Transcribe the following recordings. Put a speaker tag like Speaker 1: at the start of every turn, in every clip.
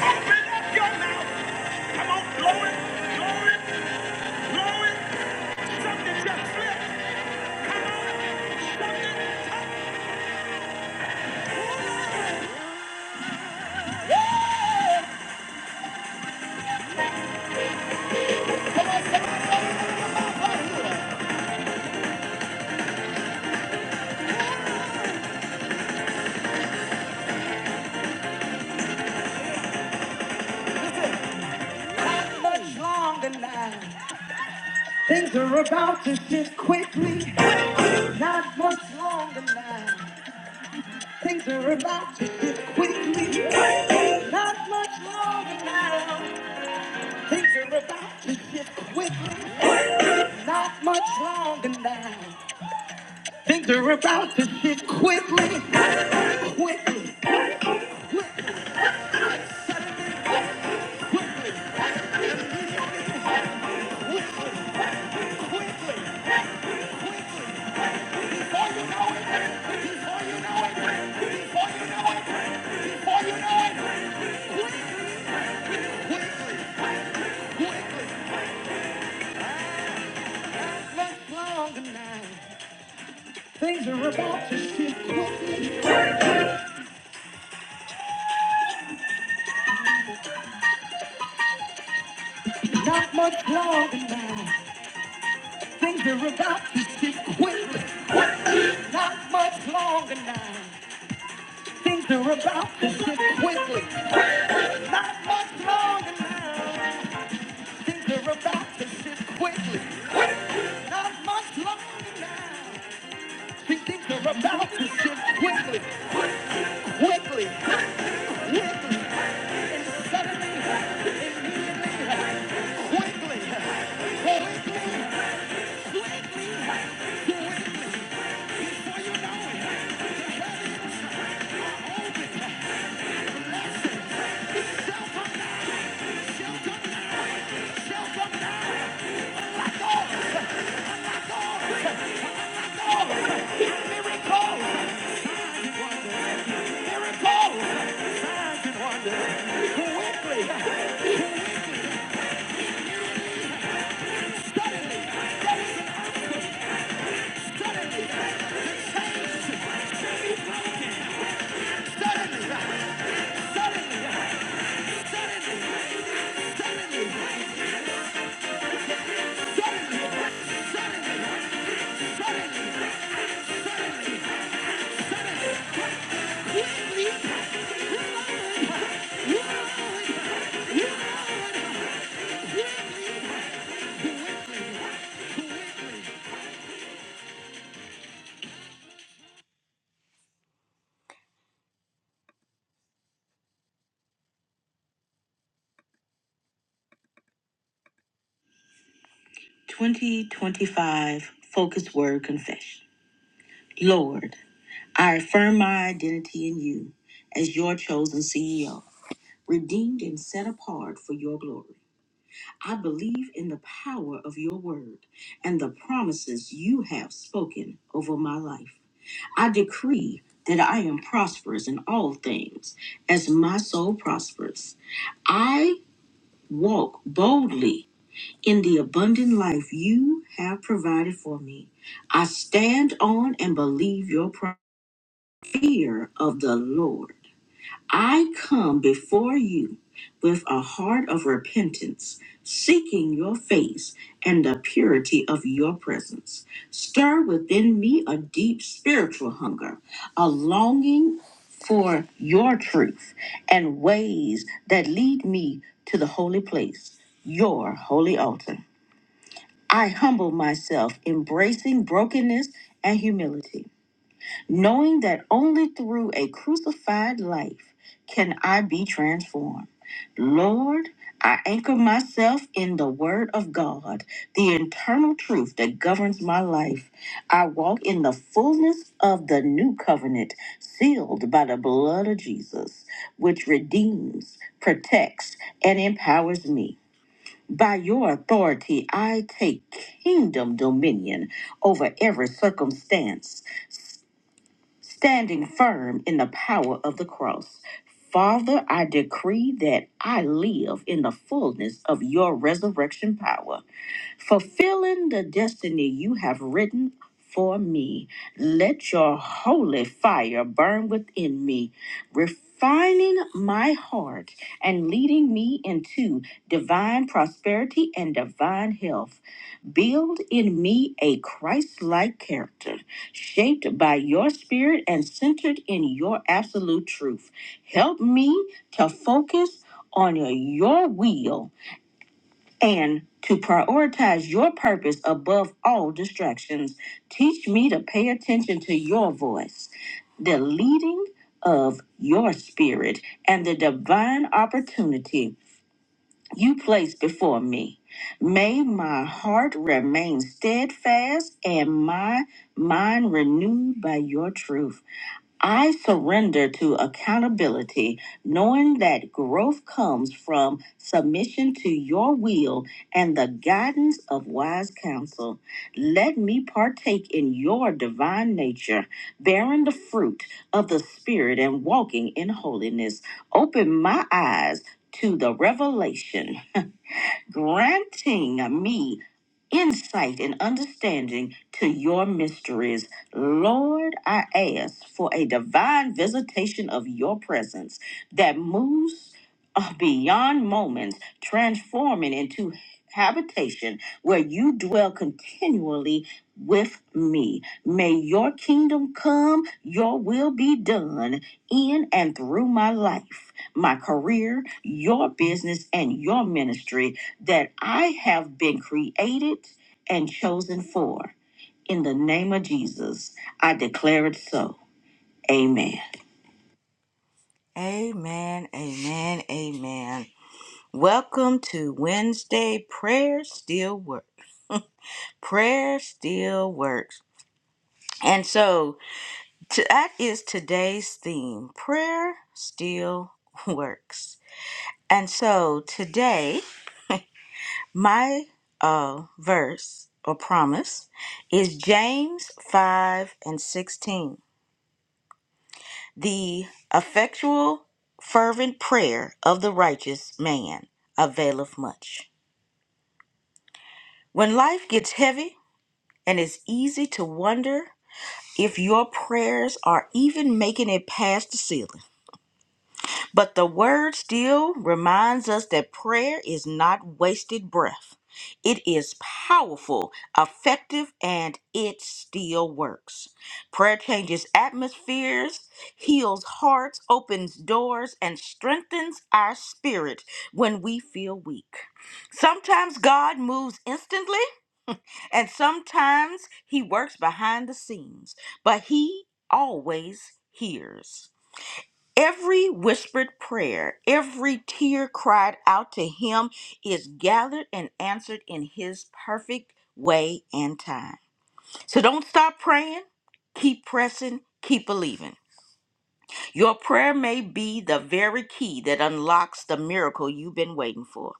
Speaker 1: Open up your mouth. Come on, blow it, blow it, blow it. Something just slipped. Come on, something touched. Longer now. Things are about to shift quickly. Not much longer now. Things are about to shift quickly. Not much longer now. Things are about to shift quickly. Not much longer now. Things are about to shift quickly. Quickly. back longer now. Things are about to shift quick. Not much longer now. Things are about to shift quick. Quickly. Not much longer now. Things are about to shift quickly. Not much longer now. Things are about to shift quickly. Quickly. Not much longer now. Things are about to shift quickly. Quickly. Quickly. And suddenly, immediately, quickly. Quickly. Suddenly, suddenly, suddenly, suddenly, 2025 Focus Word Confession. Lord, I affirm my identity in you as your chosen CEO, redeemed and set apart for your glory. I believe in the power of your word and the promises you have spoken over my life. I decree that I am prosperous in all things as my soul prospers. I walk boldly in the abundant life you have provided for me. I stand on and believe your pro- fear of the Lord. I come before you with a heart of repentance, seeking your face and the purity of your presence. Stir within me a deep spiritual hunger, a longing for your truth and ways that lead me to the holy place, your holy altar. I humble myself, embracing brokenness and humility, knowing that only through a crucified life can I be transformed. Lord, I anchor myself in the Word of God, the internal truth that governs my life. I walk in the fullness of the new covenant, sealed by the blood of Jesus, which redeems, protects, and empowers me. By your authority, I take kingdom dominion over every circumstance standing firm in the power of the cross. Father, I decree that I live in the fullness of your resurrection power, fulfilling the destiny you have written for me. Let your holy fire burn within me, refining my heart and leading me into divine prosperity and divine health. Build in me a Christ like character, shaped by your spirit and centered in your absolute truth. Help me to focus on your will and to prioritize your purpose above all distractions. Teach me to pay attention to your voice, the leading of your spirit, and the divine opportunity you place before me. May my heart remain steadfast and my mind renewed by your truth. I surrender to accountability, knowing that growth comes from submission to your will and the guidance of wise counsel. Let me partake in your divine nature, bearing the fruit of the Spirit and walking in holiness. Open my eyes to the revelation granting me insight and understanding to your mysteries. Lord, I ask for a divine visitation of your presence that moves of beyond moments, transforming into habitation where you dwell continually with me. May your kingdom come, your will be done in and through my life, my career, your business, and your ministry that I have been created and chosen for. In the name of Jesus, I declare it so. Amen. Amen, amen, amen. Welcome to Wednesday Prayer Still Works. Prayer Still Works. And so to, that is today's theme Prayer Still Works. And so today, my uh, verse or promise is James 5 and 16. The effectual, fervent prayer of the righteous man availeth much. When life gets heavy and it's easy to wonder. if your prayers are even making it past the ceiling. But the word still reminds us that prayer is not wasted breath. It is powerful, effective, and it still works. Prayer changes atmospheres, heals hearts, opens doors, and strengthens our spirit when we feel weak. Sometimes God moves instantly, and sometimes he works behind the scenes, but he always hears. Every whispered prayer, every tear cried out to him is gathered and answered in his perfect way and time. So don't stop praying, keep pressing, keep believing. Your prayer may be the very key that unlocks the miracle you've been waiting for.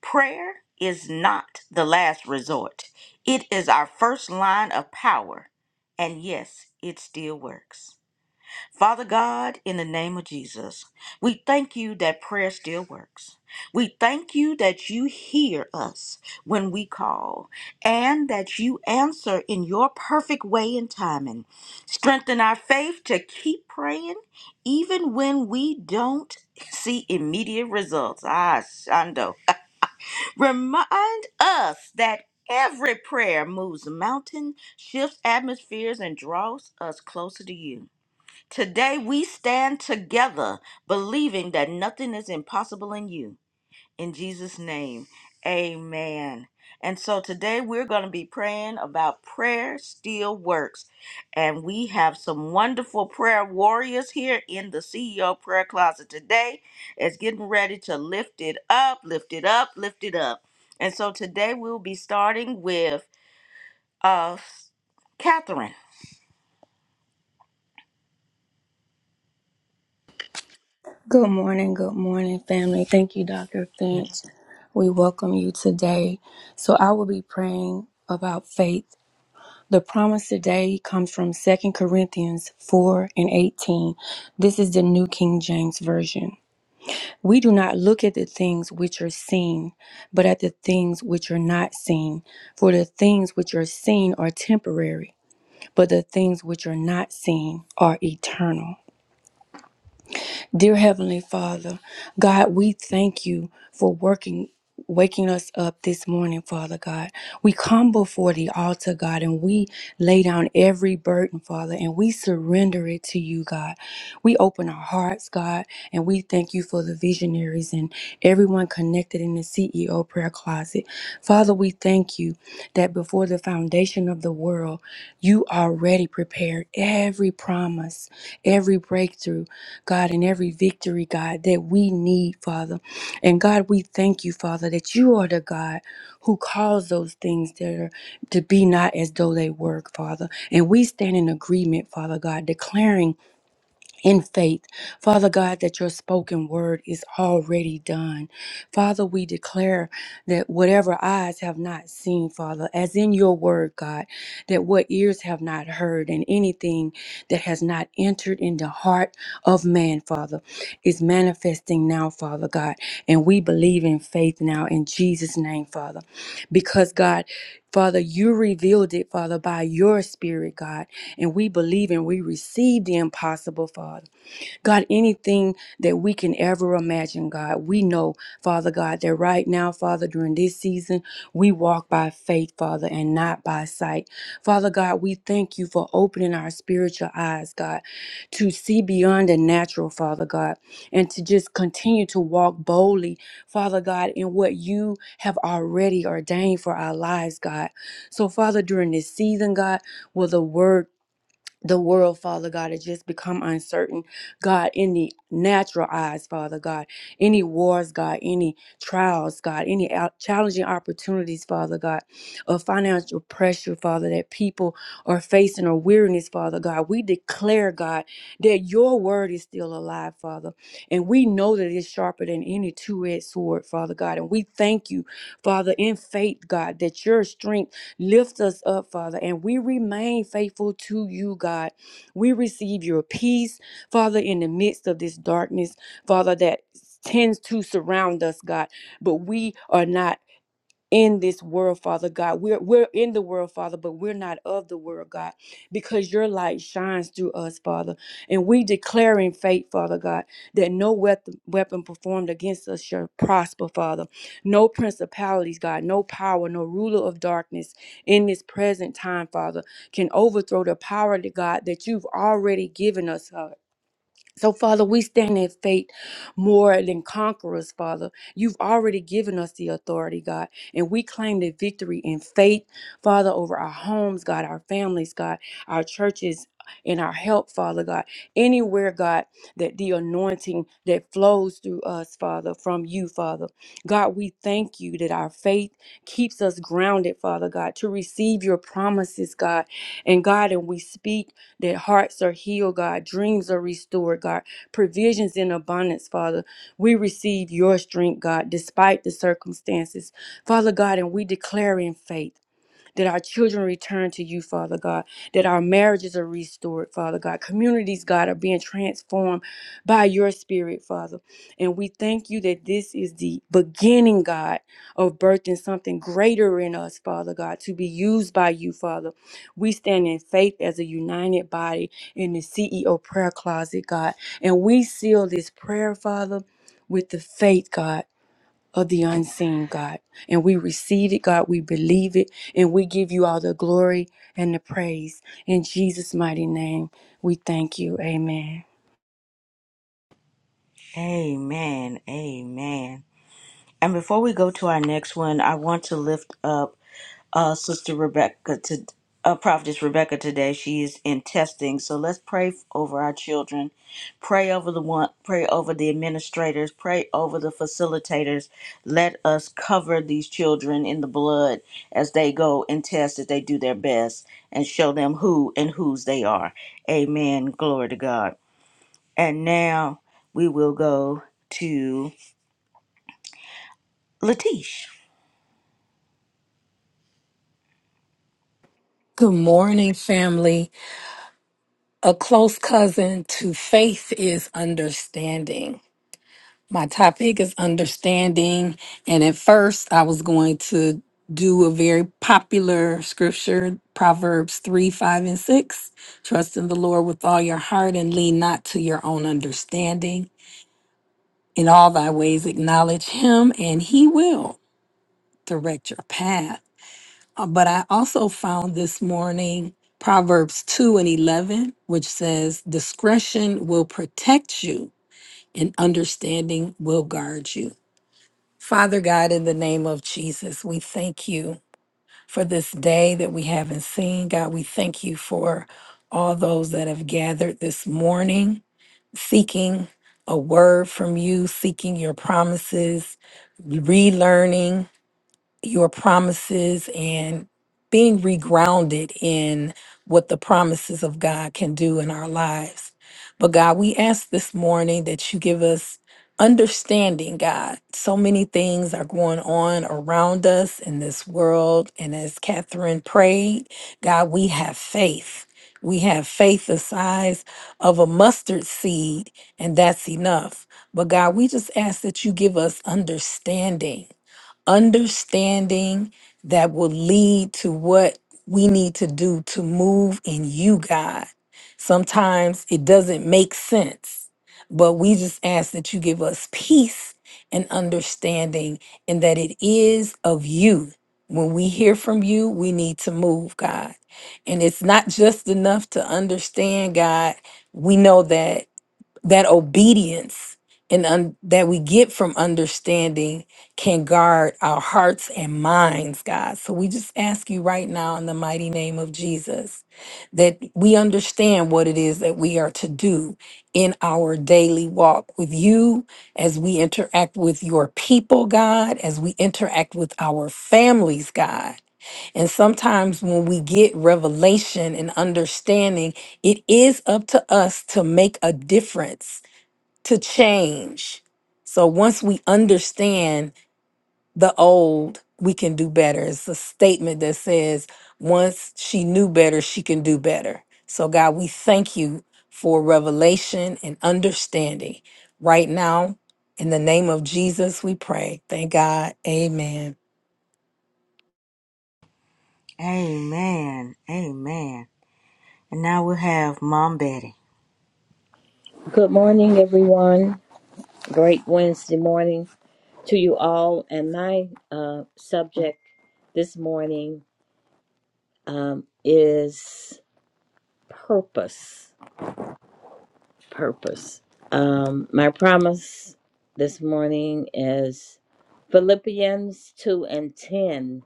Speaker 1: Prayer is not the last resort, it is our first line of power. And yes, it still works. Father God, in the name of Jesus, we thank you that prayer still works. We thank you that you hear us when we call and that you answer in your perfect way and timing. Strengthen our faith to keep praying even when we don't see immediate results. Ah, Shando. Remind us that every prayer moves mountains, shifts atmospheres, and draws us closer to you. Today we stand together believing that nothing is impossible in you. In Jesus' name, amen. And so today we're going to be praying about prayer still works. And we have some wonderful prayer warriors here in the CEO prayer closet today. It's getting ready to lift it up, lift it up, lift it up. And so today we'll be starting with uh Catherine.
Speaker 2: Good morning, good morning, family. Thank you, Dr. Finch. We welcome you today. So, I will be praying about faith. The promise today comes from Second Corinthians 4 and 18. This is the New King James Version. We do not look at the things which are seen, but at the things which are not seen. For the things which are seen are temporary, but the things which are not seen are eternal. Dear Heavenly Father, God, we thank you for working. Waking us up this morning, Father God. We come before the altar, God, and we lay down every burden, Father, and we surrender it to you, God. We open our hearts, God, and we thank you for the visionaries and everyone connected in the CEO prayer closet. Father, we thank you that before the foundation of the world, you already prepared every promise, every breakthrough God, and every victory, God, that we need, Father. And God, we thank you, Father, that you are the God who calls those things that are to be not as though they were, Father. And we stand in agreement, Father God, declaring in faith, Father God, that your spoken word is already done. Father, we declare that whatever eyes have not seen, Father, as in your word, God, that what ears have not heard, and anything that has not entered in the heart of man, Father, is manifesting now, Father God. And we believe in faith now in Jesus' name, Father, because God, Father, you revealed it, Father, by your spirit, God and we believe and we receive the impossible, Father. God, anything that we can ever imagine, God, we know, Father God, that right now, Father, during this season, we walk by faith, Father, and not by sight. Father God, we thank you for opening our spiritual eyes, God, to see beyond the natural, Father God, and to just continue to walk boldly, Father God, in what you have already ordained for our lives, God. So, Father, during this season, God, will the word the world, Father God, has just become uncertain. God, any natural eyes, Father God, any wars, God, any trials, God, any out- challenging opportunities, Father God, or financial pressure, Father, that people are facing or weariness, Father God. We declare, God, that your word is still alive, Father. And we know that it's sharper than any two-edged sword, Father God. And we thank you, Father, in faith, God, that your strength Lift us up, Father, and we remain faithful to you, God. We receive your peace, Father, in the midst of this darkness, Father, that tends to surround us, God. But we are not in this world, Father God. We're we're in the world, Father, but we're not of the world, God, because your light shines through us, Father. And we declare in faith, Father God, that no weapon weapon performed against us shall prosper, Father. No principalities, God, no power, no ruler of darkness in this present time, Father, can overthrow the power to God that you've already given us, uh, so, Father, we stand in faith more than conquerors, Father. You've already given us the authority, God, and we claim the victory in faith, Father, over our homes, God, our families, God, our churches. And our help, Father God, anywhere, God, that the anointing that flows through us, Father, from you, Father. God, we thank you that our faith keeps us grounded, Father God, to receive your promises, God. And God, and we speak that hearts are healed, God, dreams are restored, God, provisions in abundance, Father. We receive your strength, God, despite the circumstances, Father God, and we declare in faith that our children return to you, Father God, that our marriages are restored, Father God. Communities, God, are being transformed by your spirit, Father. And we thank you that this is the beginning, God, of birthing something greater in us, Father God, to be used by you, Father. We stand in faith as a united body in the CEO prayer closet, God. And we seal this prayer, Father, with the faith, God of the unseen, God. And we receive it, God. We believe it. And we give you all the glory and the praise. In Jesus' mighty name, we thank you. Amen.
Speaker 1: Amen. Amen. And before we go to our next one, I want to lift up uh, Sister Rebecca to uh, Prophetess Rebecca today. She is in testing, so let's pray f- over our children, pray over the one, pray over the administrators, pray over the facilitators. Let us cover these children in the blood as they go and test that they do their best and show them who and whose they are. Amen. Glory to God. And now we will go to Latish.
Speaker 3: Good morning, family. A close cousin to faith is understanding. My topic is understanding. And at first, I was going to do a very popular scripture, Proverbs 3 5 and 6. Trust in the Lord with all your heart and lean not to your own understanding. In all thy ways, acknowledge him, and he will direct your path. Uh, But I also found this morning Proverbs 2 and 11, which says, Discretion will protect you, and understanding will guard you. Father God, in the name of Jesus, we thank you for this day that we haven't seen. God, we thank you for all those that have gathered this morning seeking a word from you, seeking your promises, relearning your promises and being regrounded in what the promises of God can do in our lives. But God, we ask this morning that you give us understanding, God. So many things are going on around us in this world. And as Catherine prayed, God, we have faith. We have faith the size of a mustard seed, and that's enough. But God, we just ask that you give us understanding understanding that will lead to what we need to do to move in you, God. Sometimes it doesn't make sense, but we just ask that you give us peace and understanding and that it is of you. When we hear from you, we need to move, God. And it's not just enough to understand, God. We know that that obedience and un- that we get from understanding can guard our hearts and minds, God. So we just ask you right now in the mighty name of Jesus that we understand what it is that we are to do in our daily walk with you as we interact with your people, God, as we interact with our families, God. And sometimes when we get revelation and understanding, it is up to us to make a difference to change. So once we understand the old, we can do better. It's a statement that says, once she knew better, she can do better. So, God, we thank you for revelation and understanding. Right now, in the name of Jesus, we pray. Thank God. Amen.
Speaker 1: Amen. Amen. And now we'll have Mom Betty.
Speaker 4: Good morning, everyone. Great Wednesday morning to you all. And my uh, subject this morning um, is purpose. Purpose. Um, my promise this morning is Philippians 2 and 10,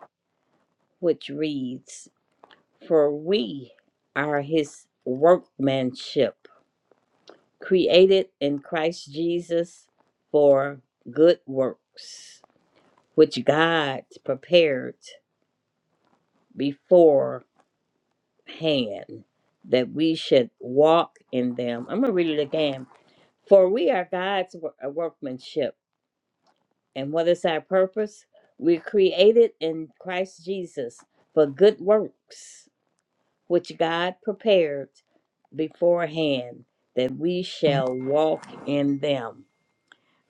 Speaker 4: which reads For we are his workmanship, created in Christ Jesus for good works which God prepared beforehand that we should walk in them. I'm going to read it again. For we are God's wo- uh, workmanship. And what is our purpose? We're created in Christ Jesus for good works, which God prepared beforehand that we shall walk in them.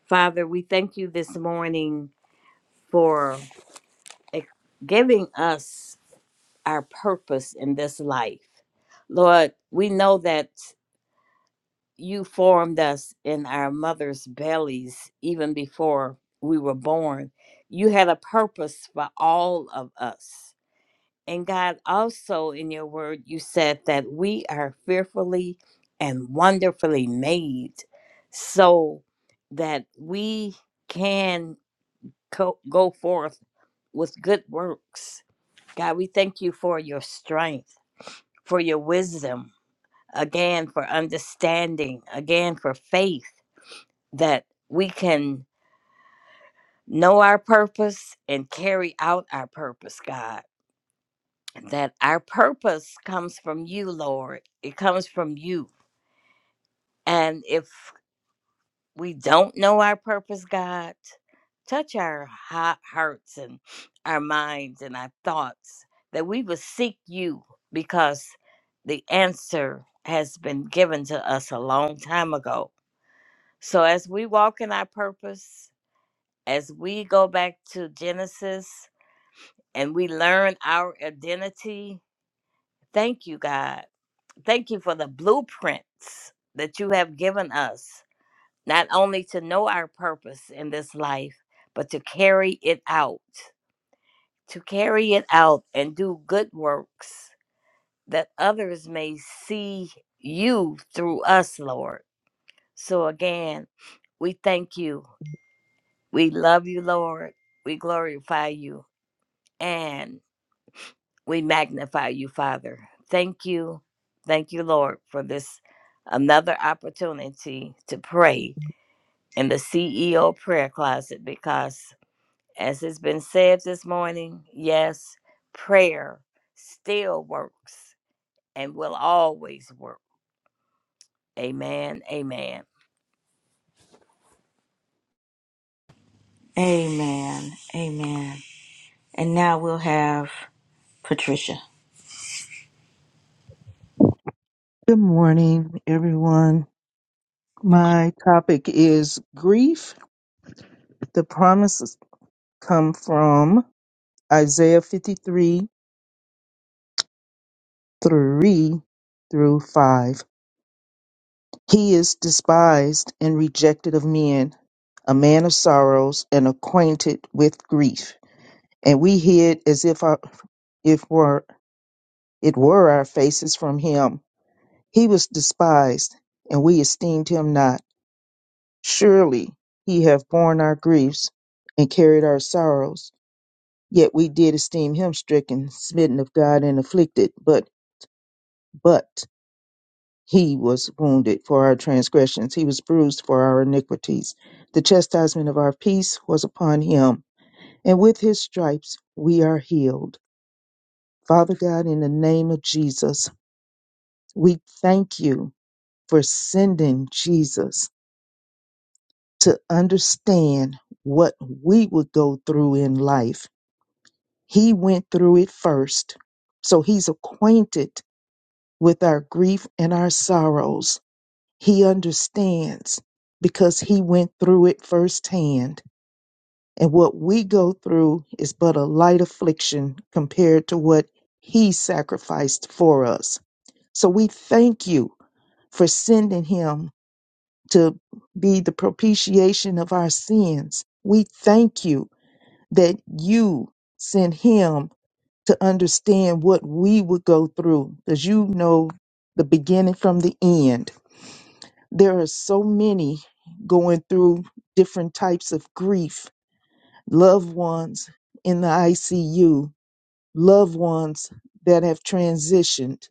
Speaker 4: Father, we thank you this morning for eh, giving us. our purpose in this life. Lord, we know that you formed us in our mother's bellies even before we were born. You had a purpose for all of us. And God, also in your word, you said that we are fearfully and wonderfully made so that we can co- go forth with good works. God, we thank you for your strength for your wisdom, again, for understanding, again, for faith that we can know our purpose and carry out our purpose, God. That our purpose comes from you, Lord. It comes from you. And if we don't know our purpose, God, touch our hot hearts and our minds and our thoughts that we will seek you because the answer has been given to us a long time ago So as we walk in our purpose, as we go back to Genesis and we learn our identity, thank you, God. Thank you for the blueprints that you have given us, not only to know our purpose in this life, but to carry it out, to carry it out and do good works that others may see you through us, Lord. So again, we thank you We love you, Lord. We glorify you and we magnify you, Father. Thank you. Thank you, Lord, for this another opportunity to pray in the CEO prayer closet because, as has been said this morning, yes, prayer still works and will always work. Amen. Amen.
Speaker 1: Amen. Amen. And now we'll have Patricia.
Speaker 5: Good morning, everyone. My topic is grief. The promises come from Isaiah 53 3 through 5. He is despised and rejected of men, a man of sorrows and acquainted with grief. And we hid as if, our, if were, it were our faces from him. He was despised, and we esteemed him not. Surely he hath borne our griefs and carried our sorrows. Yet we did esteem him stricken, smitten of God, and afflicted. But but he was wounded for our transgressions, he was bruised for our iniquities. The chastisement of our peace was upon him, and with his stripes we are healed. Father God, in the name of Jesus, we thank you for sending Jesus to understand what we would go through in life He went through it first. So he's acquainted with our grief and our sorrows. He understands because he went through it firsthand. And what we go through is but a light affliction compared to what he sacrificed for us. So we thank you for sending him to be the propitiation of our sins. We thank you that you sent him to understand what we would go through because you know the beginning from the end. There are so many going through different types of grief, loved ones in the ICU, loved ones that have transitioned,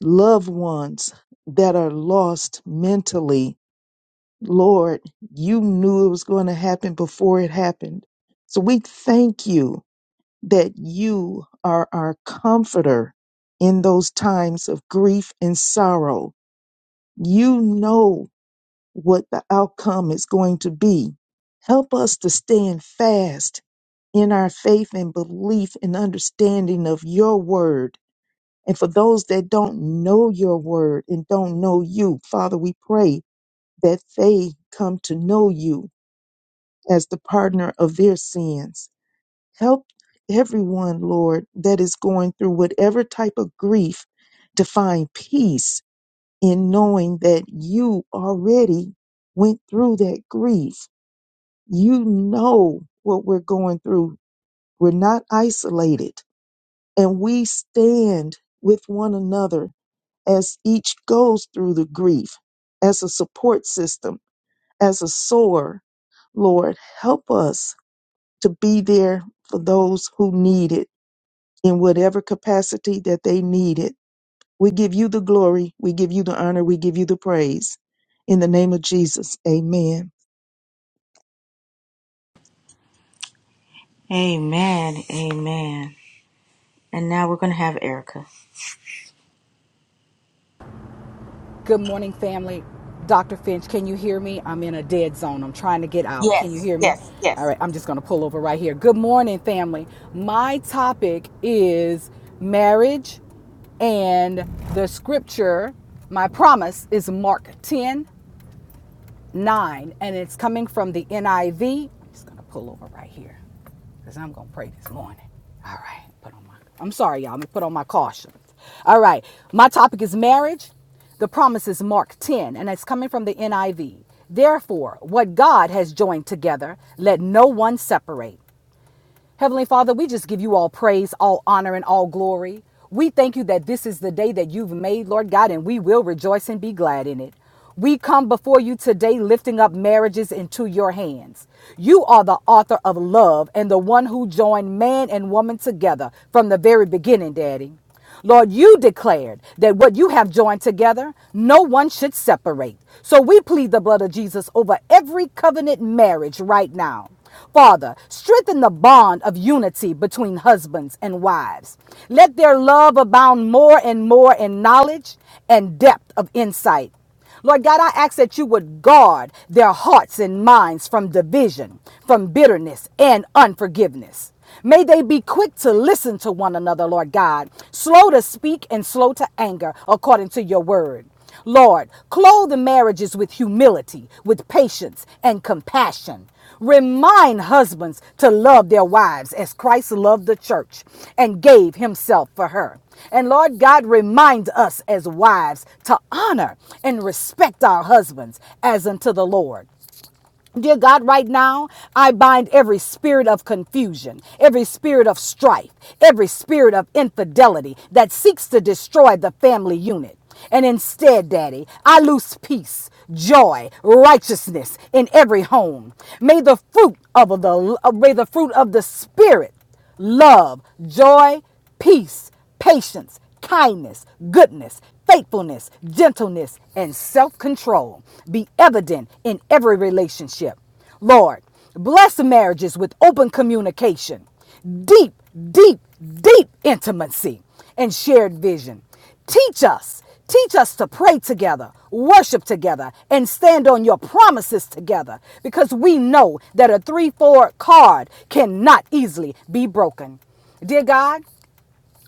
Speaker 5: loved ones that are lost mentally. Lord, you knew it was going to happen before it happened. So we thank you that you are our comforter in those times of grief and sorrow. You know what the outcome is going to be. Help us to stand fast in our faith and belief and understanding of your word. And for those that don't know your word and don't know you, Father, we pray that they come to know you as the partner of their sins Help everyone, Lord, that is going through whatever type of grief to find peace in knowing that you already went through that grief. You know what we're going through. We're not isolated. And we stand with one another as each goes through the grief, as a support system, as a soar. Lord, help us to be there for those who need it in whatever capacity that they needed. We give you the glory, we give you the honor, we give you the praise. In the name of Jesus, amen.
Speaker 1: Amen. Amen. And now we're going to have Erica.
Speaker 6: Good morning, family. Dr. Finch, can you hear me? I'm in a dead zone. I'm trying to get out. Can you
Speaker 1: Yes.
Speaker 6: hear me?
Speaker 1: Yes.
Speaker 6: All
Speaker 1: Yes.
Speaker 6: right, I'm
Speaker 1: yes.
Speaker 6: just going to pull over right here. Good morning, family. My topic is marriage and the scripture. My promise is Mark 10 9, and it's coming from the NIV. I'm just going to pull over right here because I'm going to pray this morning. All right. Put on my, I'm sorry, y'all. I'm going to put on my caution. All right. My topic is marriage. The promise is Mark 10, and it's coming from the NIV. Therefore, what God has joined together, let no one separate. Heavenly Father, we just give you all praise, all honor, and all glory. We thank you that this is the day that you've made, Lord God, and we will rejoice and be glad in it. We come before you today lifting up marriages into your hands. You are the author of love and the one who joined man and woman together from the very beginning, Daddy. Lord, you declared that what you have joined together, no one should separate. So we plead the blood of Jesus over every covenant marriage right now. Father, strengthen the bond of unity between husbands and wives. Let their love abound more and more in knowledge and depth of insight. Lord God, I ask that you would guard their hearts and minds from division, from bitterness and unforgiveness. May they be quick to listen to one another, Lord God, slow to speak and slow to anger, according to your word. Lord, clothe the marriages with humility, with patience and compassion. Remind husbands to love their wives as Christ loved the church and gave himself for her. And Lord God, remind us as wives to honor and respect our husbands as unto the Lord. Dear God, right now, I bind every spirit of confusion, every spirit of strife, every spirit of infidelity that seeks to destroy the family unit. And instead, Daddy, I loose peace, joy, righteousness in every home. May the fruit of the uh, may the fruit of the spirit love, joy, peace, patience, kindness, goodness, faithfulness, gentleness, and self control be evident in every relationship. Lord, bless marriages with open communication, deep, deep, deep intimacy, and shared vision. Teach us. Teach us to pray together, worship together, and stand on your promises together because we know that a 3 4 card cannot easily be broken. Dear God,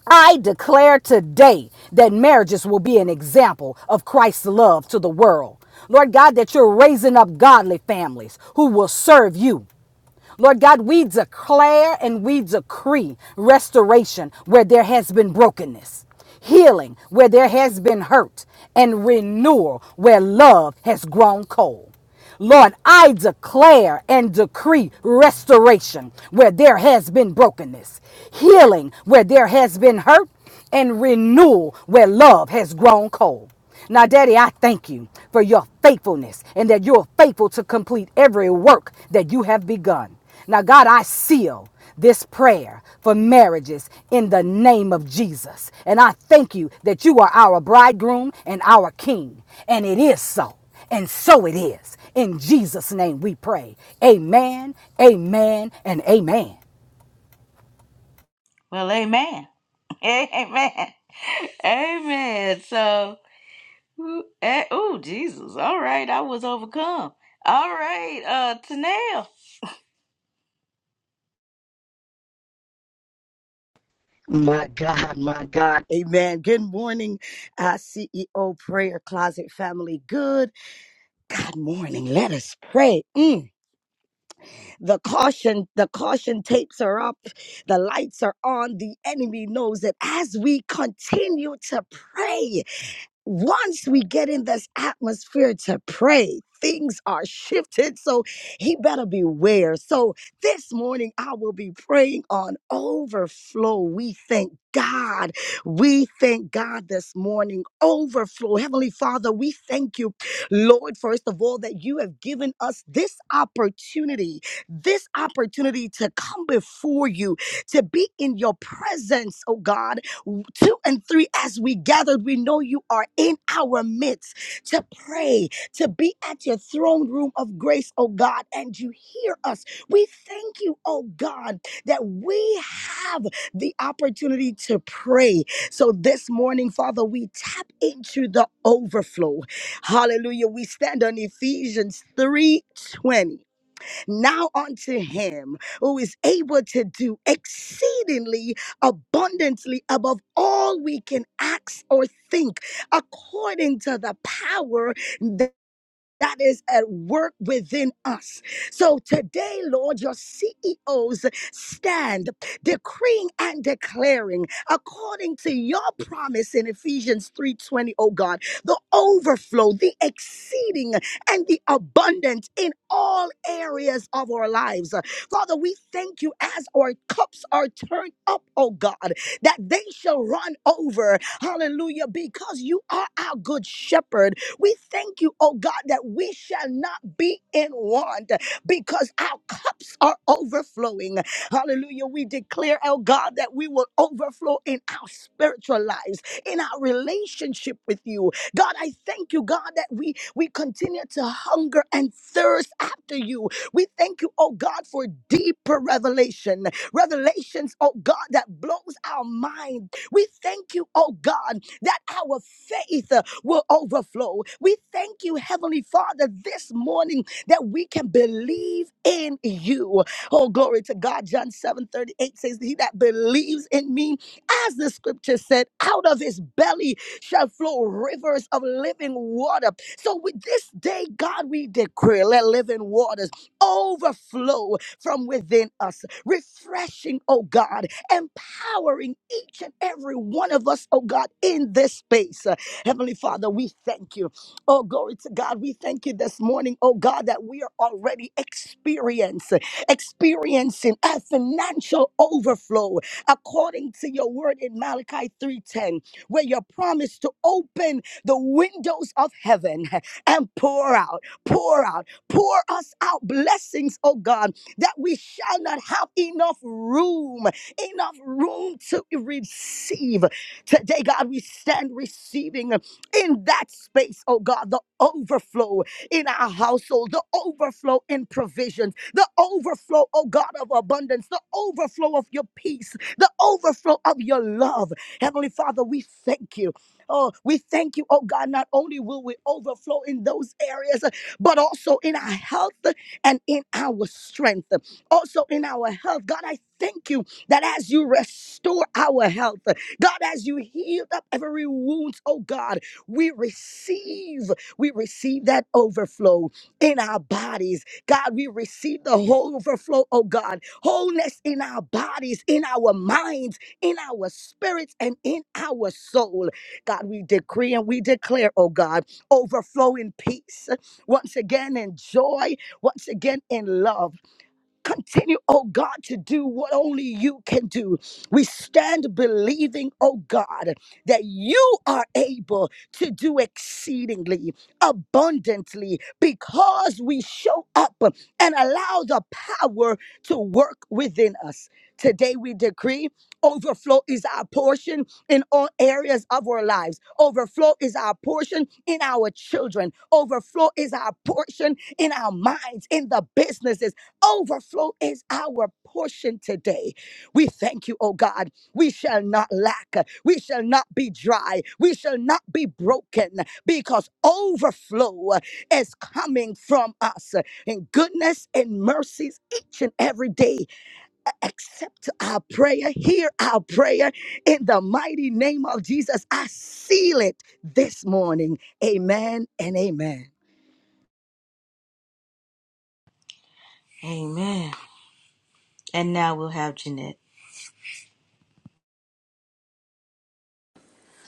Speaker 6: I declare today that marriages will be an example of Christ's love to the world. Lord God, that you're raising up godly families who will serve you. Lord God, we declare and we decree restoration where there has been brokenness, healing where there has been hurt, and renewal where love has grown cold. Lord, I declare and decree restoration where there has been brokenness, healing where there has been hurt, and renewal where love has grown cold. Now, Daddy, I thank you for your faithfulness and that you're faithful to complete every work that you have begun. Now, God, I seal this prayer for marriages in the name of Jesus. And I thank you that you are our bridegroom and our king. And it is so. And so it is. In Jesus' name we pray. Amen, amen, and amen.
Speaker 1: Well, amen. Amen. Amen. So, oh, Jesus. All right. I was overcome. All right. Uh, Tanel.
Speaker 7: My God, my God. Amen. Good morning, uh, CEO Prayer Closet family. Good God morning. Let us pray. Mm. The caution, the caution tapes are up. The lights are on. The enemy knows that as we continue to pray once we get in this atmosphere to pray, things are shifted. So he better beware. So this morning, I will be praying on overflow. We thank God. We thank God this morning. Overflow. Heavenly Father, we thank you, Lord, first of all, that you have given us this opportunity, this opportunity to come before you, to be in your presence, oh God two and three as we gathered, we know you are in our midst to pray, to be at your throne room of grace, oh God, and you hear us. We thank you, oh God, that we have the opportunity to pray. So this morning, Father, we tap into the overflow. Hallelujah. We stand on Ephesians three twenty. Now unto him who is able to do exceedingly abundantly above all we can ask or think, according to the power that is at work within us. So today, Lord, your CEOs stand decreeing and declaring according to your promise in Ephesians 3:20, oh God, the overflow, the exceeding and the abundant in all areas of our lives. Father, we thank you as our cups are turned up, oh God, that they shall run over. Hallelujah, because you are our good shepherd we thank you, oh God, that we shall not be in want because our cups are overflowing. Hallelujah. We declare, oh God, that we will overflow in our spiritual lives, in our relationship with you. God, I thank you, God, that we, we continue to hunger and thirst after you. We thank you, oh God, for deeper revelation, revelations, oh God, that blows our mind. We thank you, oh God, that our faith will overflow. We thank you, Heavenly Father, this morning that we can believe in you. Oh, glory to God. John 7 38 says, He that believes in me, as the scripture said, out of his belly shall flow rivers of living water. So with this day, God, we decree, let living waters overflow from within us, refreshing, oh God, empowering each and every one of us, oh God, in this space. Heavenly Father, we thank you. Oh, glory to God. We thank you this morning, oh God, that we are already experiencing, experiencing a financial overflow according to your word in Malachi 3:10, where you promise to open the windows of heaven and pour out, pour out, pour us out blessings, oh God, that we shall not have enough room, enough room to receive. Today, God, we stand receiving uh, in that space, oh God, the overflow in our household, the overflow in provisions, the overflow, oh God, of abundance, the overflow of your peace, the overflow of your love. Heavenly Father, we thank you. Oh, we thank you, oh God. Not only will we overflow in those areas, but also in our health and in our strength, also in our health. God, I thank you that as you restore our health, God, as you healed up every wound, oh God, we receive, we receive that overflow in our bodies. God, we receive the whole overflow, oh God, wholeness in our bodies, in our minds, in our spirits, and in our soul. God, we decree and we declare, oh God, overflow in peace, once again in joy, once again in love. Continue, oh God, to do what only you can do. We stand believing, oh God, that you are able to do exceedingly abundantly because we show up and allow the power to work within us. Today we decree overflow is our portion in all areas of our lives. Overflow is our portion in our children. Overflow is our portion in our minds, in the businesses Overflow is our portion today. We thank you, oh God. We shall not lack. We shall not be dry. We shall not be broken because overflow is coming from us in goodness and mercies each and every day. Accept our prayer, hear our prayer in the mighty name of Jesus. I seal it this morning. Amen and amen.
Speaker 1: Amen. And now we'll have Jeanette.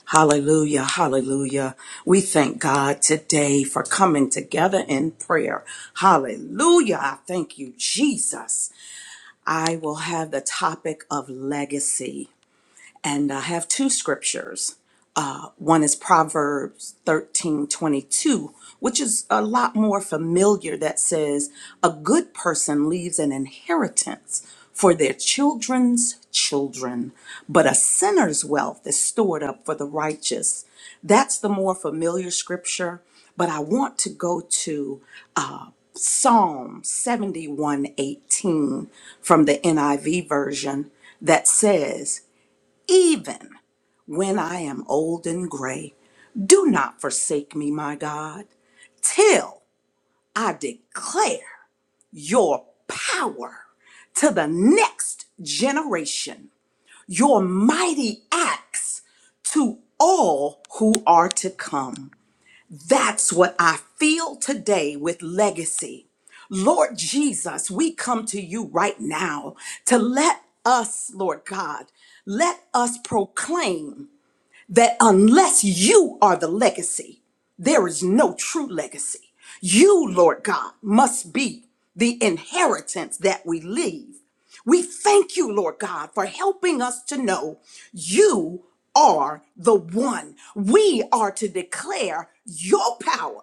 Speaker 8: Hallelujah, hallelujah. We thank God today for coming together in prayer. Hallelujah. I thank you, Jesus. I will have the topic of legacy and I have two scriptures. Uh, one is Proverbs thirteen twenty two, which is a lot more familiar, that says, A good person leaves an inheritance for their children's children, but a sinner's wealth is stored up for the righteous. That's the more familiar scripture, but I want to go to uh, Psalm 71:18 from the NIV version that says, even when I am old and gray. Do not forsake me, my God, till I declare your power to the next generation, your mighty acts to all who are to come. That's what I feel today with legacy. Lord Jesus, we come to you right now to let us, Lord God, let us proclaim that unless you are the legacy, there is no true legacy. You, Lord God, must be the inheritance that we leave. We thank you, Lord God, for helping us to know you are the one. We are to declare your power.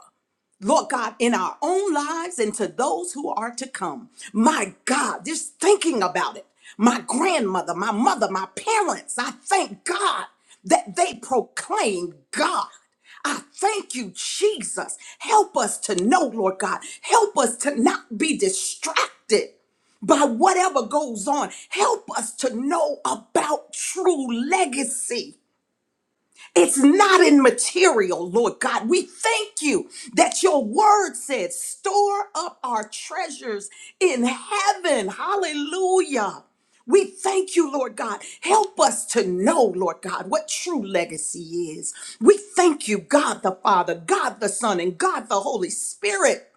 Speaker 8: Lord God, in our own lives and to those who are to come. My God, just thinking about it. My grandmother, my mother, my parents, I thank God that they proclaimed God. I thank you, Jesus. Help us to know, Lord God. Help us to not be distracted by whatever goes on. Help us to know about true legacy. It's not in material, Lord God. We thank you that your word said, store up our treasures in heaven. Hallelujah. We thank you, Lord God. Help us to know, Lord God, what true legacy is. We thank you, God the Father, God the Son, and God the Holy Spirit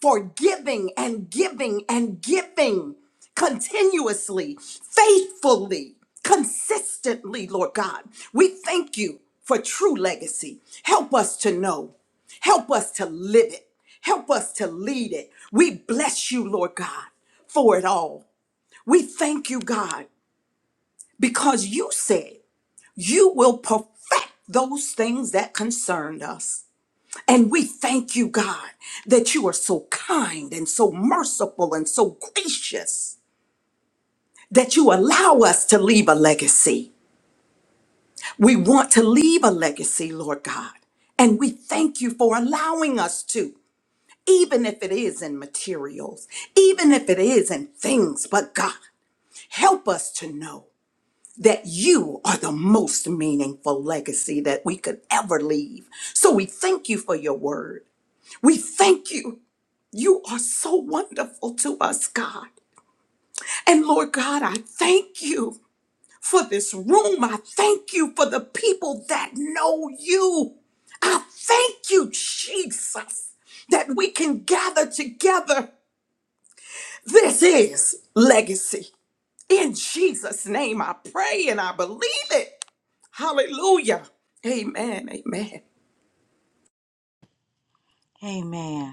Speaker 8: for giving and giving and giving continuously, faithfully, consistently, Lord God. We thank you for true legacy. Help us to know, help us to live it, help us to lead it. We bless you, Lord God, for it all. We thank you, God, because you said you will perfect those things that concerned us. And we thank you, God, that you are so kind and so merciful and so gracious that you allow us to leave a legacy. We want to leave a legacy, Lord God. And we thank you for allowing us to, even if it is in materials, even if it is in things. But God, help us to know that you are the most meaningful legacy that we could ever leave. So we thank you for your word. We thank you You are so wonderful to us, God. And Lord God, I thank you for this room. I thank you for the people that know you. I thank you, Jesus, that we can gather together. This is legacy. In Jesus' name, I pray and I believe it. Hallelujah. Amen. Amen.
Speaker 1: Amen.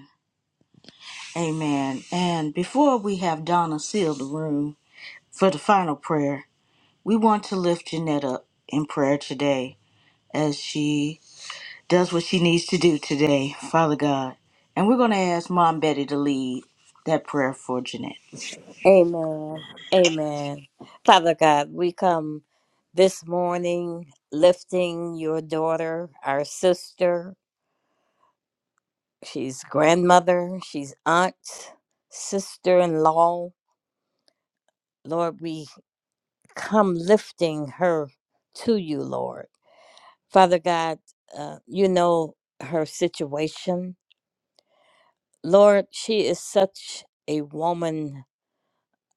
Speaker 1: Amen. And before we have Donna seal the room for the final prayer, we want to lift Jeanette up in prayer today as she does what she needs to do today, Father God. And we're going to ask Mom Betty to lead that prayer for Jeanette.
Speaker 4: Amen. Amen. Father God, we come this morning lifting your daughter, our sister. She's grandmother, she's aunt, sister in law. Lord, we come lifting her to you, Lord. Father God, uh, you know her situation. Lord, she is such a woman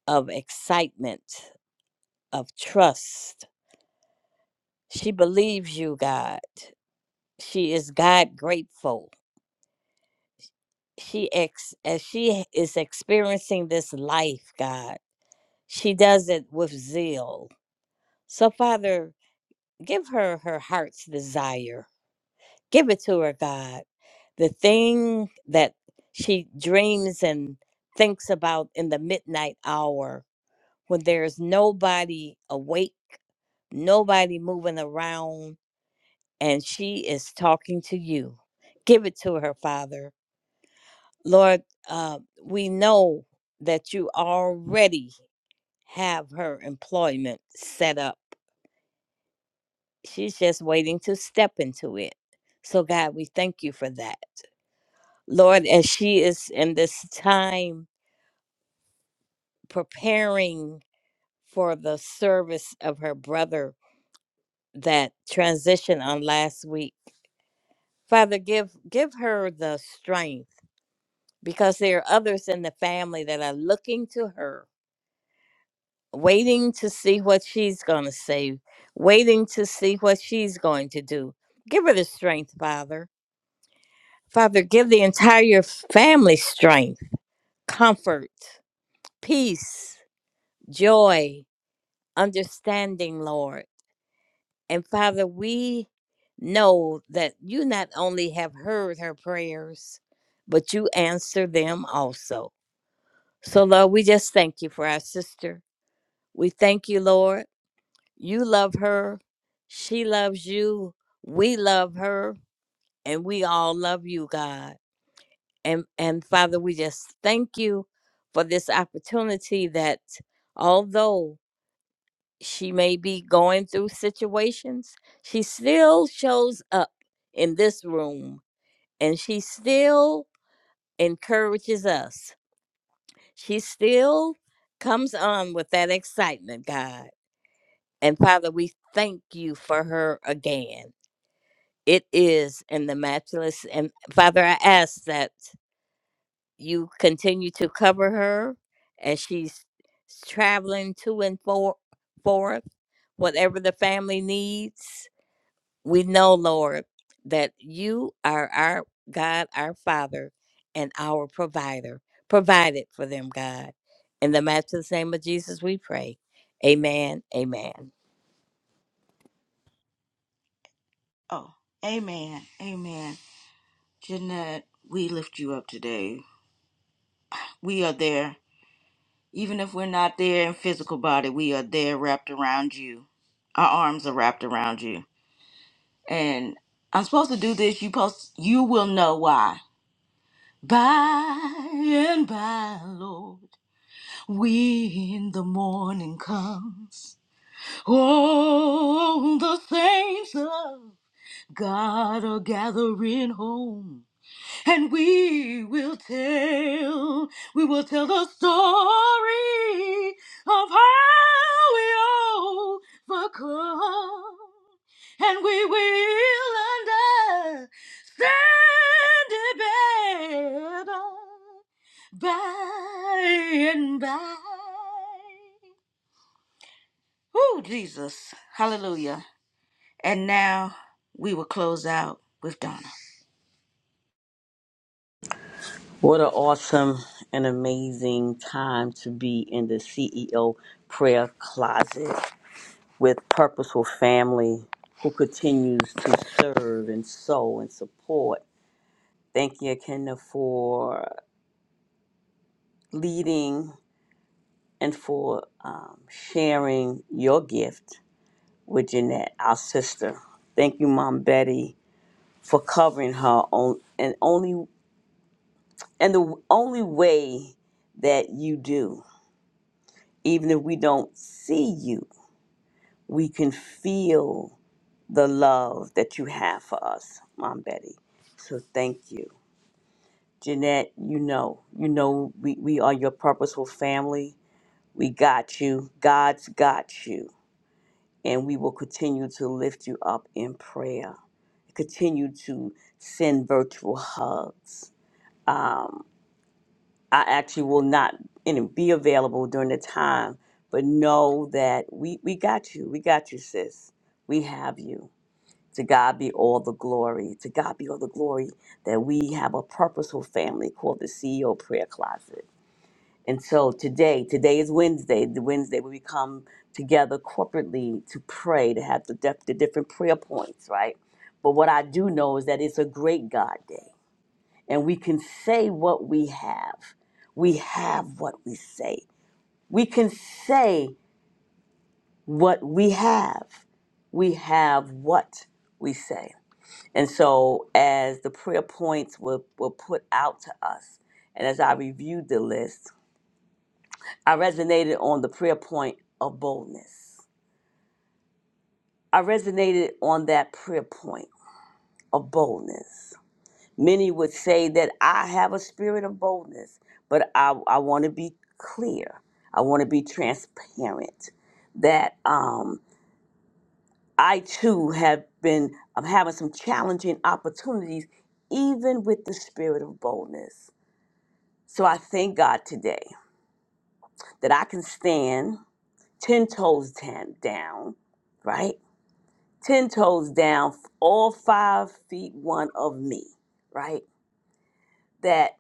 Speaker 4: of excitement, of trust. She believes you, God. She is God grateful. She ex as she is experiencing this life, God, she does it with zeal. So Father, give her her heart's desire. Give it to her, God. The thing that she dreams and thinks about in the midnight hour when there's nobody awake, nobody moving around, and she is talking to you. Give it to her, Father Lord, uh, we know that you already have her employment set up. She's just waiting to step into it. So, God, we thank you for that. Lord, as she is in this time preparing for the service of her brother that transitioned on last week, Father, give give her the strength because there are others in the family that are looking to her waiting to see what she's going to say, waiting to see what she's going to do. Give her the strength, Father. Father, give the entire family strength, comfort, peace, joy, understanding, Lord. And Father, we know that you not only have heard her prayers, but you answer them also. So, Lord, we just thank you for our sister. We thank you, Lord. You love her. She loves you. We love her. And we all love you, God. And and Father, we just thank you for this opportunity that although she may be going through situations, she still shows up in this room and she still encourages us. She still comes on with that excitement, God. And Father, we thank you for her again. It is in the matchless. And Father, I ask that you continue to cover her as she's traveling to and for, forth, whatever the family needs. We know, Lord, that you are our God, our Father, and our provider. Provide it for them, God. In the matchless name of Jesus, we pray. Amen. Amen.
Speaker 1: Oh, amen. Amen. Jeanette, we lift you up today. We are there. Even if we're not there in physical body, we are there wrapped around you. Our arms are wrapped around you. and I'm supposed to do this. You post, you will know why. By and by, Lord, when the morning comes, oh, the saints of God are gathering home and we will tell, we will tell the story of how we overcome, and we will understand it better by and by. Oh, Jesus, hallelujah! And now we will close out with Donna.
Speaker 9: What an awesome and amazing time to be in the CEO prayer closet with Purposeful Family, who continues to serve and sow and support. Thank you, Kenda, for leading and for um, sharing your gift with Jeanette, our sister. Thank you, Mom Betty, for covering her on and only and the only way that you do. even if we don't see you, we can feel the love that you have for us, Mom Betty. So thank you. Jeanette, you know, you know we, we are your purposeful family. We got you. God's got you. And we will continue to lift you up in prayer. Continue to send virtual hugs. Um. I actually will not you know, be available during the time, but know that we, we got you. We got you, sis. We have you. To God be all the glory. To God be all the glory that we have a purposeful family called the CEO Prayer Closet. And so today, today is Wednesday, the Wednesday where we come together corporately to pray, to have the, def- the different prayer points, right? But what I do know is that it's a great God day and we can say what we have. We have what we say. We can say what we have. We have what we say. And so, as the prayer points were, were put out to us, and as I reviewed the list, I resonated on the prayer point of boldness. I resonated on that prayer point of boldness. Many would say that I have a spirit of boldness, but I, I want to be clear. I want to be transparent that um, I too have been I'm having some challenging opportunities, even with the spirit of boldness. So I thank God today that I can stand 10 toes tan- down, right? 10 toes down, all five feet one of me, right? That.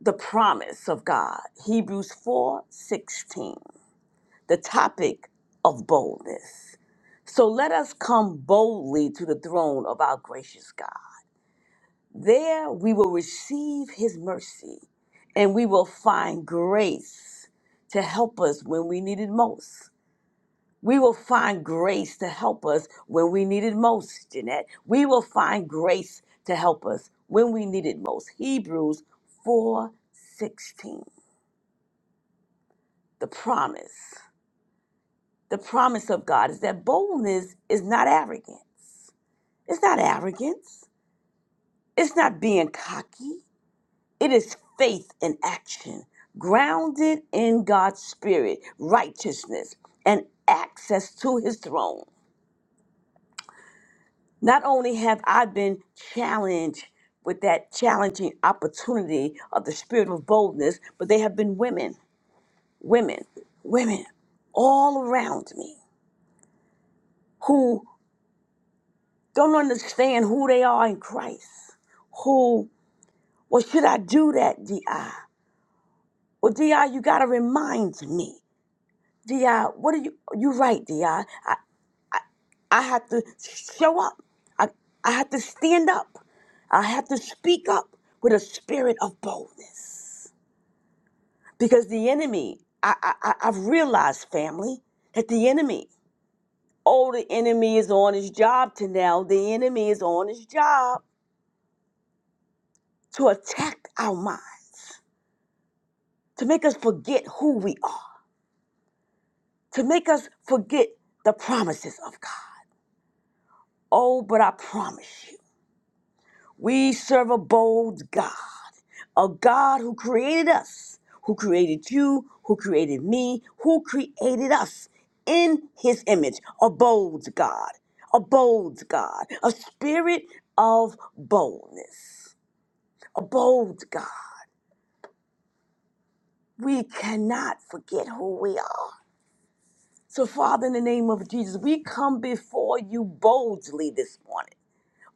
Speaker 9: the promise of God. Hebrews 4 16. the topic of boldness. So let us come boldly to the throne of our gracious God. There we will receive his mercy and we will find grace to help us when we need it most. We will find grace to help us when we need it most, Jeanette. We will find grace to help us when we need it most. Hebrews 4 16. the promise, the promise of God is that boldness is not arrogance. It's not arrogance. It's not being cocky. It is faith in action, grounded in God's spirit, righteousness, and access to his throne. Not only have I been challenged with that challenging opportunity of the spirit of boldness, but they have been women, women, women all around me who don't understand who they are in Christ. Who, well, should I do that, DI? Well, DI, you got to remind me. DI, what are you? You're right, DI. I, I I have to show up. I, I have to stand up. I have to speak up with a spirit of boldness. Because the enemy, I, I, I- I've realized, family, that the enemy, oh, the enemy is on his job to now. The enemy is on his job to attack our minds to make us forget who we are, to make us forget the promises of God. Oh, but I promise you, we serve a bold God, a God who created us, who created you, who created me, who created us in his image, a bold God, a bold God, a spirit of boldness, a bold God. We cannot forget who we are. So, Father, in the name of Jesus, we come before you boldly this morning,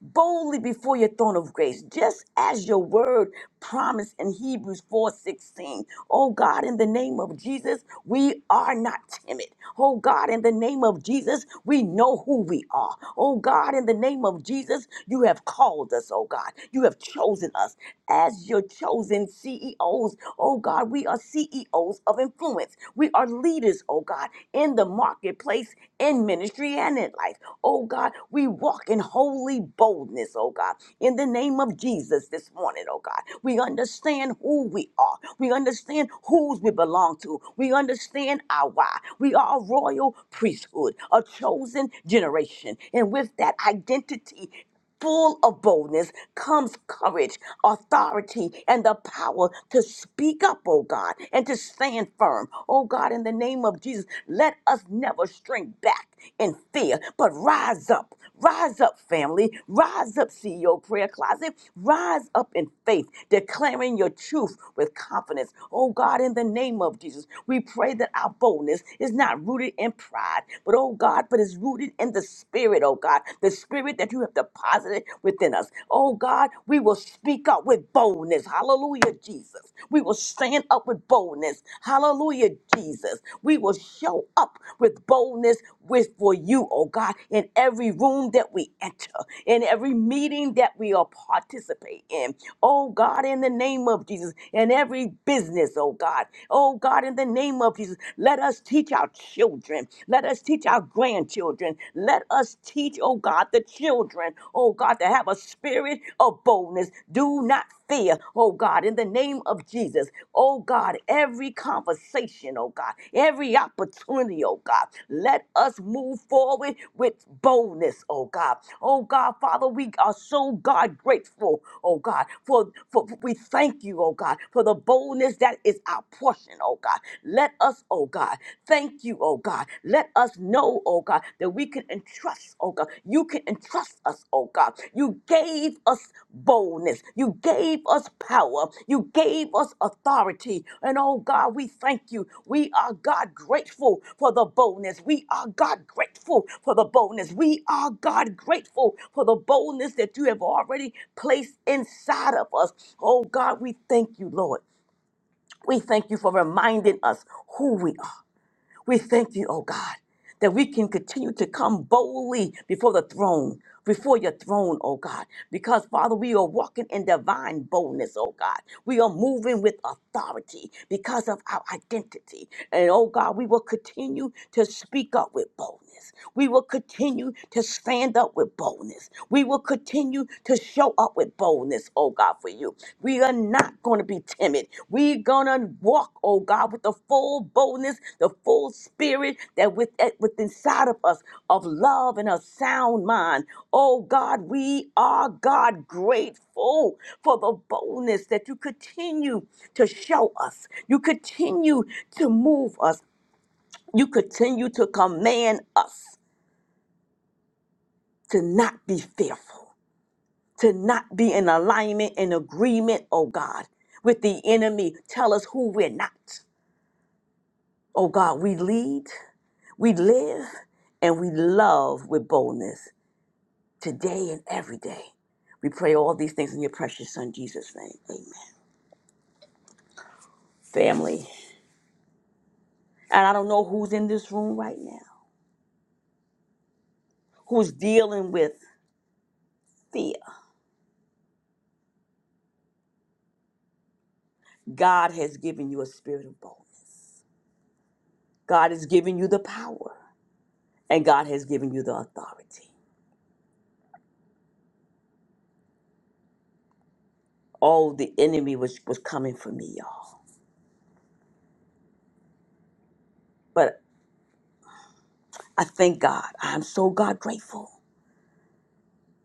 Speaker 9: boldly before your throne of grace, just as your word promised in Hebrews 4:16. Oh God, in the name of Jesus, we are not timid. Oh God, in the name of Jesus, we know who we are. Oh God, in the name of Jesus, you have called us, oh God. You have chosen us as your chosen CEOs. Oh God, we are CEOs of influence influence. We are leaders, oh God, in the marketplace, in ministry, and in life. Oh God, we walk in holy boldness, oh God, in the name of Jesus this morning, oh God. We understand who we are. We understand whose we belong to. We understand our why. We are a royal priesthood, a chosen generation. And with that identity, full of boldness comes courage, authority, and the power to speak up, oh God, and to stand firm. Oh God, in the name of Jesus, let us never shrink back in fear, but rise up. Rise up, family. Rise up, CEO Prayer Closet. Rise up in faith, declaring your truth with confidence. Oh God, in the name of Jesus, we pray that our boldness is not rooted in pride, but oh God, but is rooted in the spirit, oh God, the spirit that you have deposited within us. Oh God, we will speak up with boldness. Hallelujah, Jesus. We will stand up with boldness. Hallelujah, Jesus. We will show up with boldness with for you, oh God, in every room that we enter, in every meeting that we are participate in. Oh God, in the name of Jesus, in every business, oh God. Oh God, in the name of Jesus, let us teach our children children. Let us teach our grandchildren. Let us teach, oh God, the children, oh God, to have a spirit of boldness. Do not fear, oh God, in the name of Jesus. Oh God, every conversation, oh God, every opportunity, oh God, let us move forward with boldness, oh God. Oh God, Father, we are so God grateful, oh God, for, for we thank you, oh God, for the boldness that is our portion, oh God. Let us, oh God, thank you, oh God. Let us know, oh God, that we can entrust, oh God. You can entrust us, oh God. You gave us boldness. You gave us power. You gave us authority. And oh God, we thank you. We are God grateful for the boldness. We are God grateful for the boldness. We are God grateful for the boldness that you have already placed inside of us. Oh God, we thank you, Lord. We thank you for reminding us who we are. We thank you, oh God, that we can continue to come boldly before the throne, before your throne, oh God, because Father, we are walking in divine boldness, oh God. We are moving with authority because of our identity. And oh God, we will continue to speak up with boldness. We will continue to stand up with boldness. We will continue to show up with boldness, oh God, for you. We are not going to be timid. We're going to walk, oh God, with the full boldness, the full spirit that with, eh, with inside of us of love and a sound mind. Oh God, we are God grateful for the boldness that you continue to show us. You continue to move us. You continue to command us to not be fearful, to not be in alignment and agreement, oh God, with the enemy. Tell us who we're not. Oh God, we lead, we live, and we love with boldness today and every day. We pray all these things in your precious son, Jesus' name. Amen. Family. And I don't know who's in this room right now, who's dealing with fear. God has given you a spirit of boldness. God has given you the power, and God has given you the authority. Oh, the enemy was, was coming for me, y'all. But I thank God. I'm so God grateful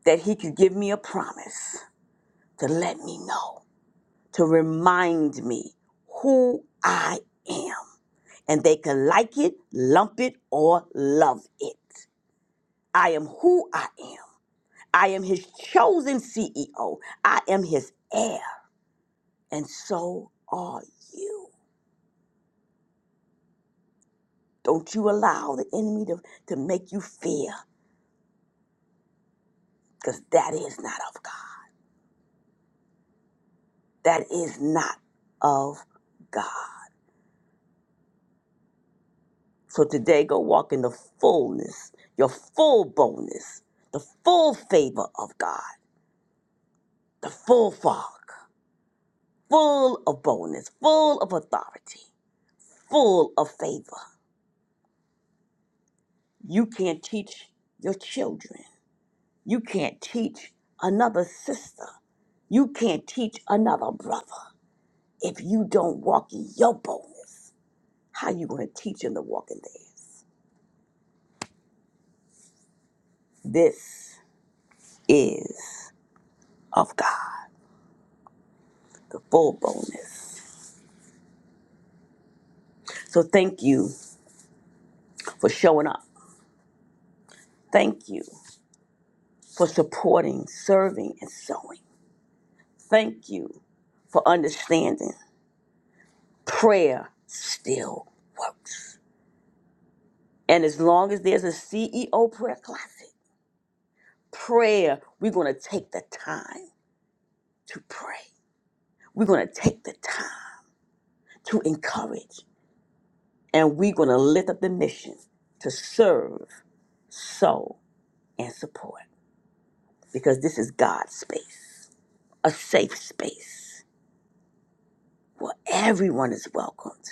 Speaker 9: that He could give me a promise to let me know, to remind me who I am. And they can like it, lump it, or love it. I am who I am. I am His chosen CEO. I am His heir. And so are you. Don't you allow the enemy to, to make you fear, because that is not of God. that is not of God. So today, go walk in the fullness, your full boldness, the full favor of God, the full fog, full of boldness, full of authority, full of favor. You can't teach your children. You can't teach another sister. You can't teach another brother if you don't walk in your boldness. How you going to teach them to walk in theirs? This is of God. the full bonus. So thank you for showing up. Thank you for supporting, serving, and sowing. Thank you for understanding prayer still works. And as long as there's a CEO prayer closet, prayer, we're going to take the time to pray. We're going to take the time to encourage. And we're going to lift up the mission to serve, sow, and support because this is God's space. a safe space where everyone is welcomed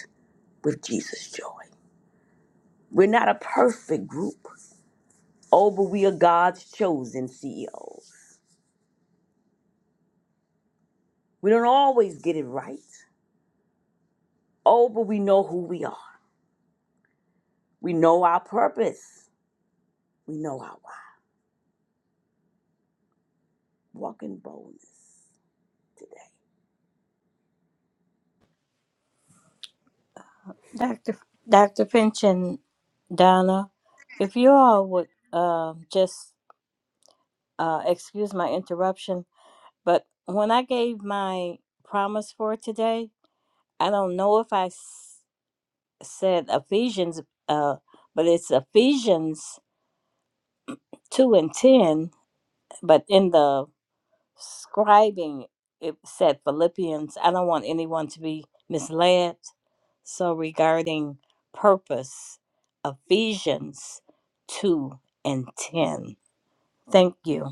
Speaker 9: with Jesus' joy. We're not a perfect group. Oh, but we are God's chosen CEOs. We don't always get it right. Oh, but we know who we are. We know our purpose. We know our why. Walk in boldness.
Speaker 4: Dr. Dr. Finch and Donna, if you all would um, just uh, excuse my interruption, but when I gave my promise for today, I don't know if I s- said Ephesians, uh, but it's Ephesians 2 and 10, but in the scribing it said philippians i don't want anyone to be misled so regarding purpose ephesians 2 and 10 thank you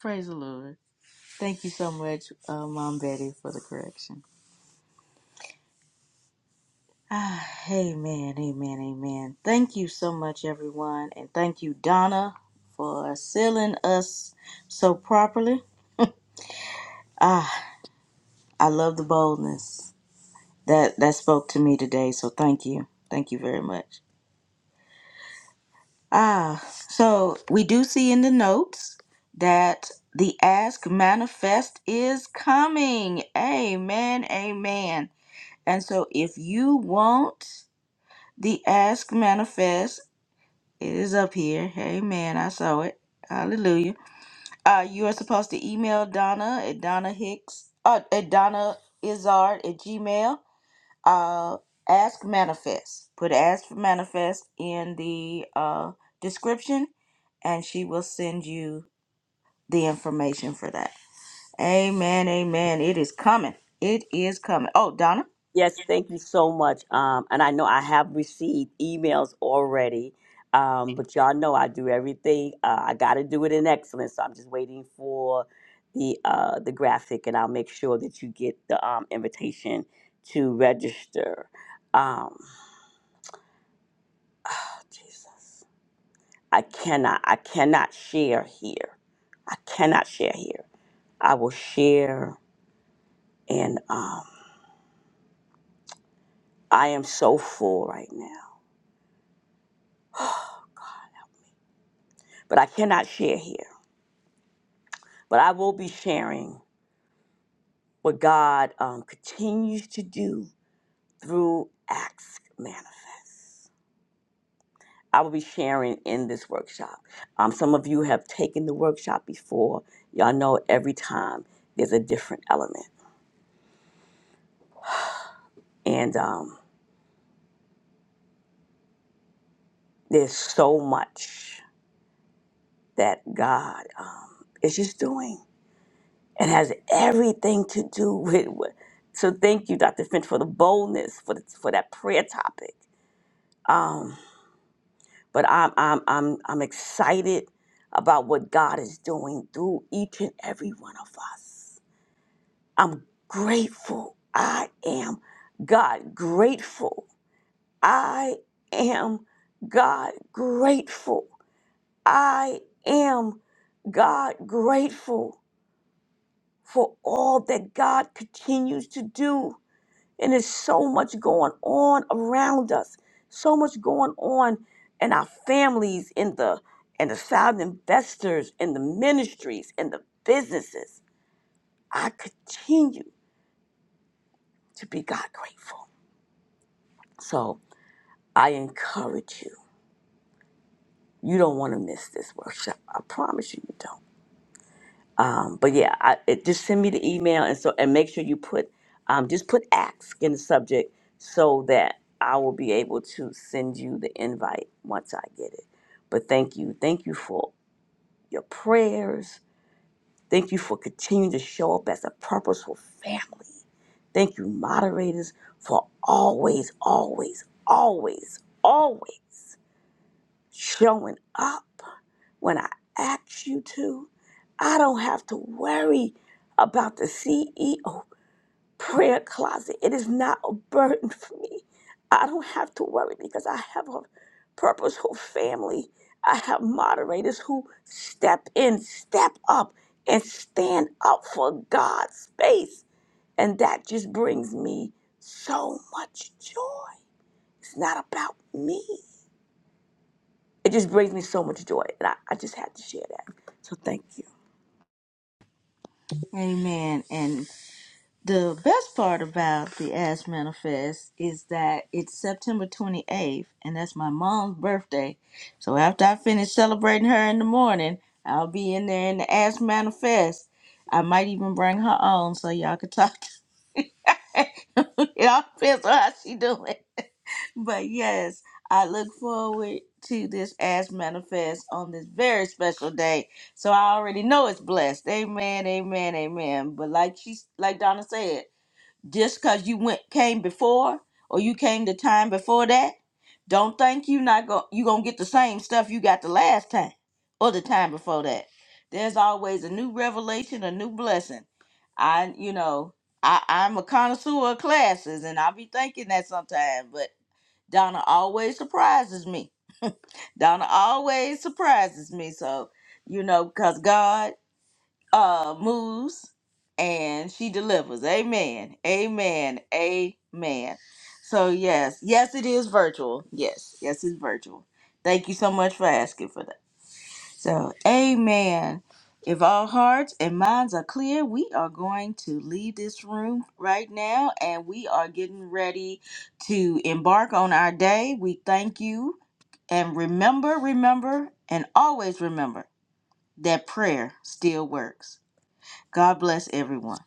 Speaker 1: Praise the Lord. Thank you so much, uh, Mom Betty, for the correction. Ah, amen, amen, amen. Thank you so much, everyone, and thank you, Donna, for sealing us so properly. Ah, I love the boldness that that spoke to me today. So thank you, thank you very much. Ah, so we do see in the notes that the Ask Manifest is coming. Amen, amen. And so if you want The Ask Manifest it is up here. Amen. I saw it. Hallelujah. Uh, you are supposed to email Donna at Donna Hicks uh, at Donna Izard at Gmail. Uh, ask Manifest. Put Ask for Manifest in the uh, description, and she will send you the information for that. Amen. Amen. It is coming. It is coming. Oh, Donna.
Speaker 9: Yes, thank you so much. Um, and I know I have received emails already, um, but y'all know I do everything. Uh, I got to do it in excellence. So I'm just waiting for the uh, the graphic, and I'll make sure that you get the um, invitation to register. Um, Jesus, I cannot, I cannot share here. I cannot share here. I will share, and um, I am so full right now, but I cannot share here. but I will be sharing what God um, continues to do through Acts Manifest. I will be sharing in this workshop. Um, some of you have taken the workshop before. Y'all know every time there's a different element. And um, there's so much that God um, is just doing. It has everything to do with. with so thank you, Dr. Finch, for the boldness for the, for that prayer topic. Um, but I'm I'm I'm I'm excited about what God is doing through each and every one of us. I'm grateful. I am God grateful. I am God grateful. I am God grateful for all that God continues to do And there's so much going on around us, so much going on in our families, in the in the sound investors, in the ministries, in the businesses. I continue to be God grateful. So I encourage you. You don't want to miss this workshop. I promise you, you don't. Um, but yeah, I, it, just send me the email and so and make sure you put um, just put ask in the subject so that I will be able to send you the invite once I get it. But thank you, thank you for your prayers. Thank you for continuing to show up as a purposeful family. Thank you, moderators, for always, always, always, always showing up when I ask you to. I don't have to worry about the CEO prayer closet. It is not a burden for me. I don't have to worry because I have a purposeful family. I have moderators who step in, step up, and stand up for God's space. And that just brings me so much joy. It's not about me. It just brings me so much joy. And I, I just had to share that. So thank you.
Speaker 1: Amen. And The best part about the Ash Manifest is that it's September 28th, and that's my mom's birthday. So after I finish celebrating her in the morning, I'll be in there in the Ash Manifest. I might even bring her on so y'all can talk to me. it. all depends on how she doing. But yes, I look forward to this Ash Manifest on this very special day. So I already know it's blessed. Amen, amen, amen. But like she, like Donna said just because you went came before or you came the time before that don't think you not go you gonna get the same stuff you got the last time or the time before that there's always a new revelation a new blessing i you know i i'm a connoisseur of classes and i be thinking that sometimes but donna always surprises me donna always surprises me so you know because god uh moves and she delivers. Amen. Amen. Amen. So yes, yes it is virtual. Yes, yes it's virtual. Thank you so much for asking for that. So, amen. If all hearts and minds are clear, we are going to leave this room right now and we are getting ready to embark on our day. We thank you and remember, remember, and always remember that prayer still works. God bless everyone.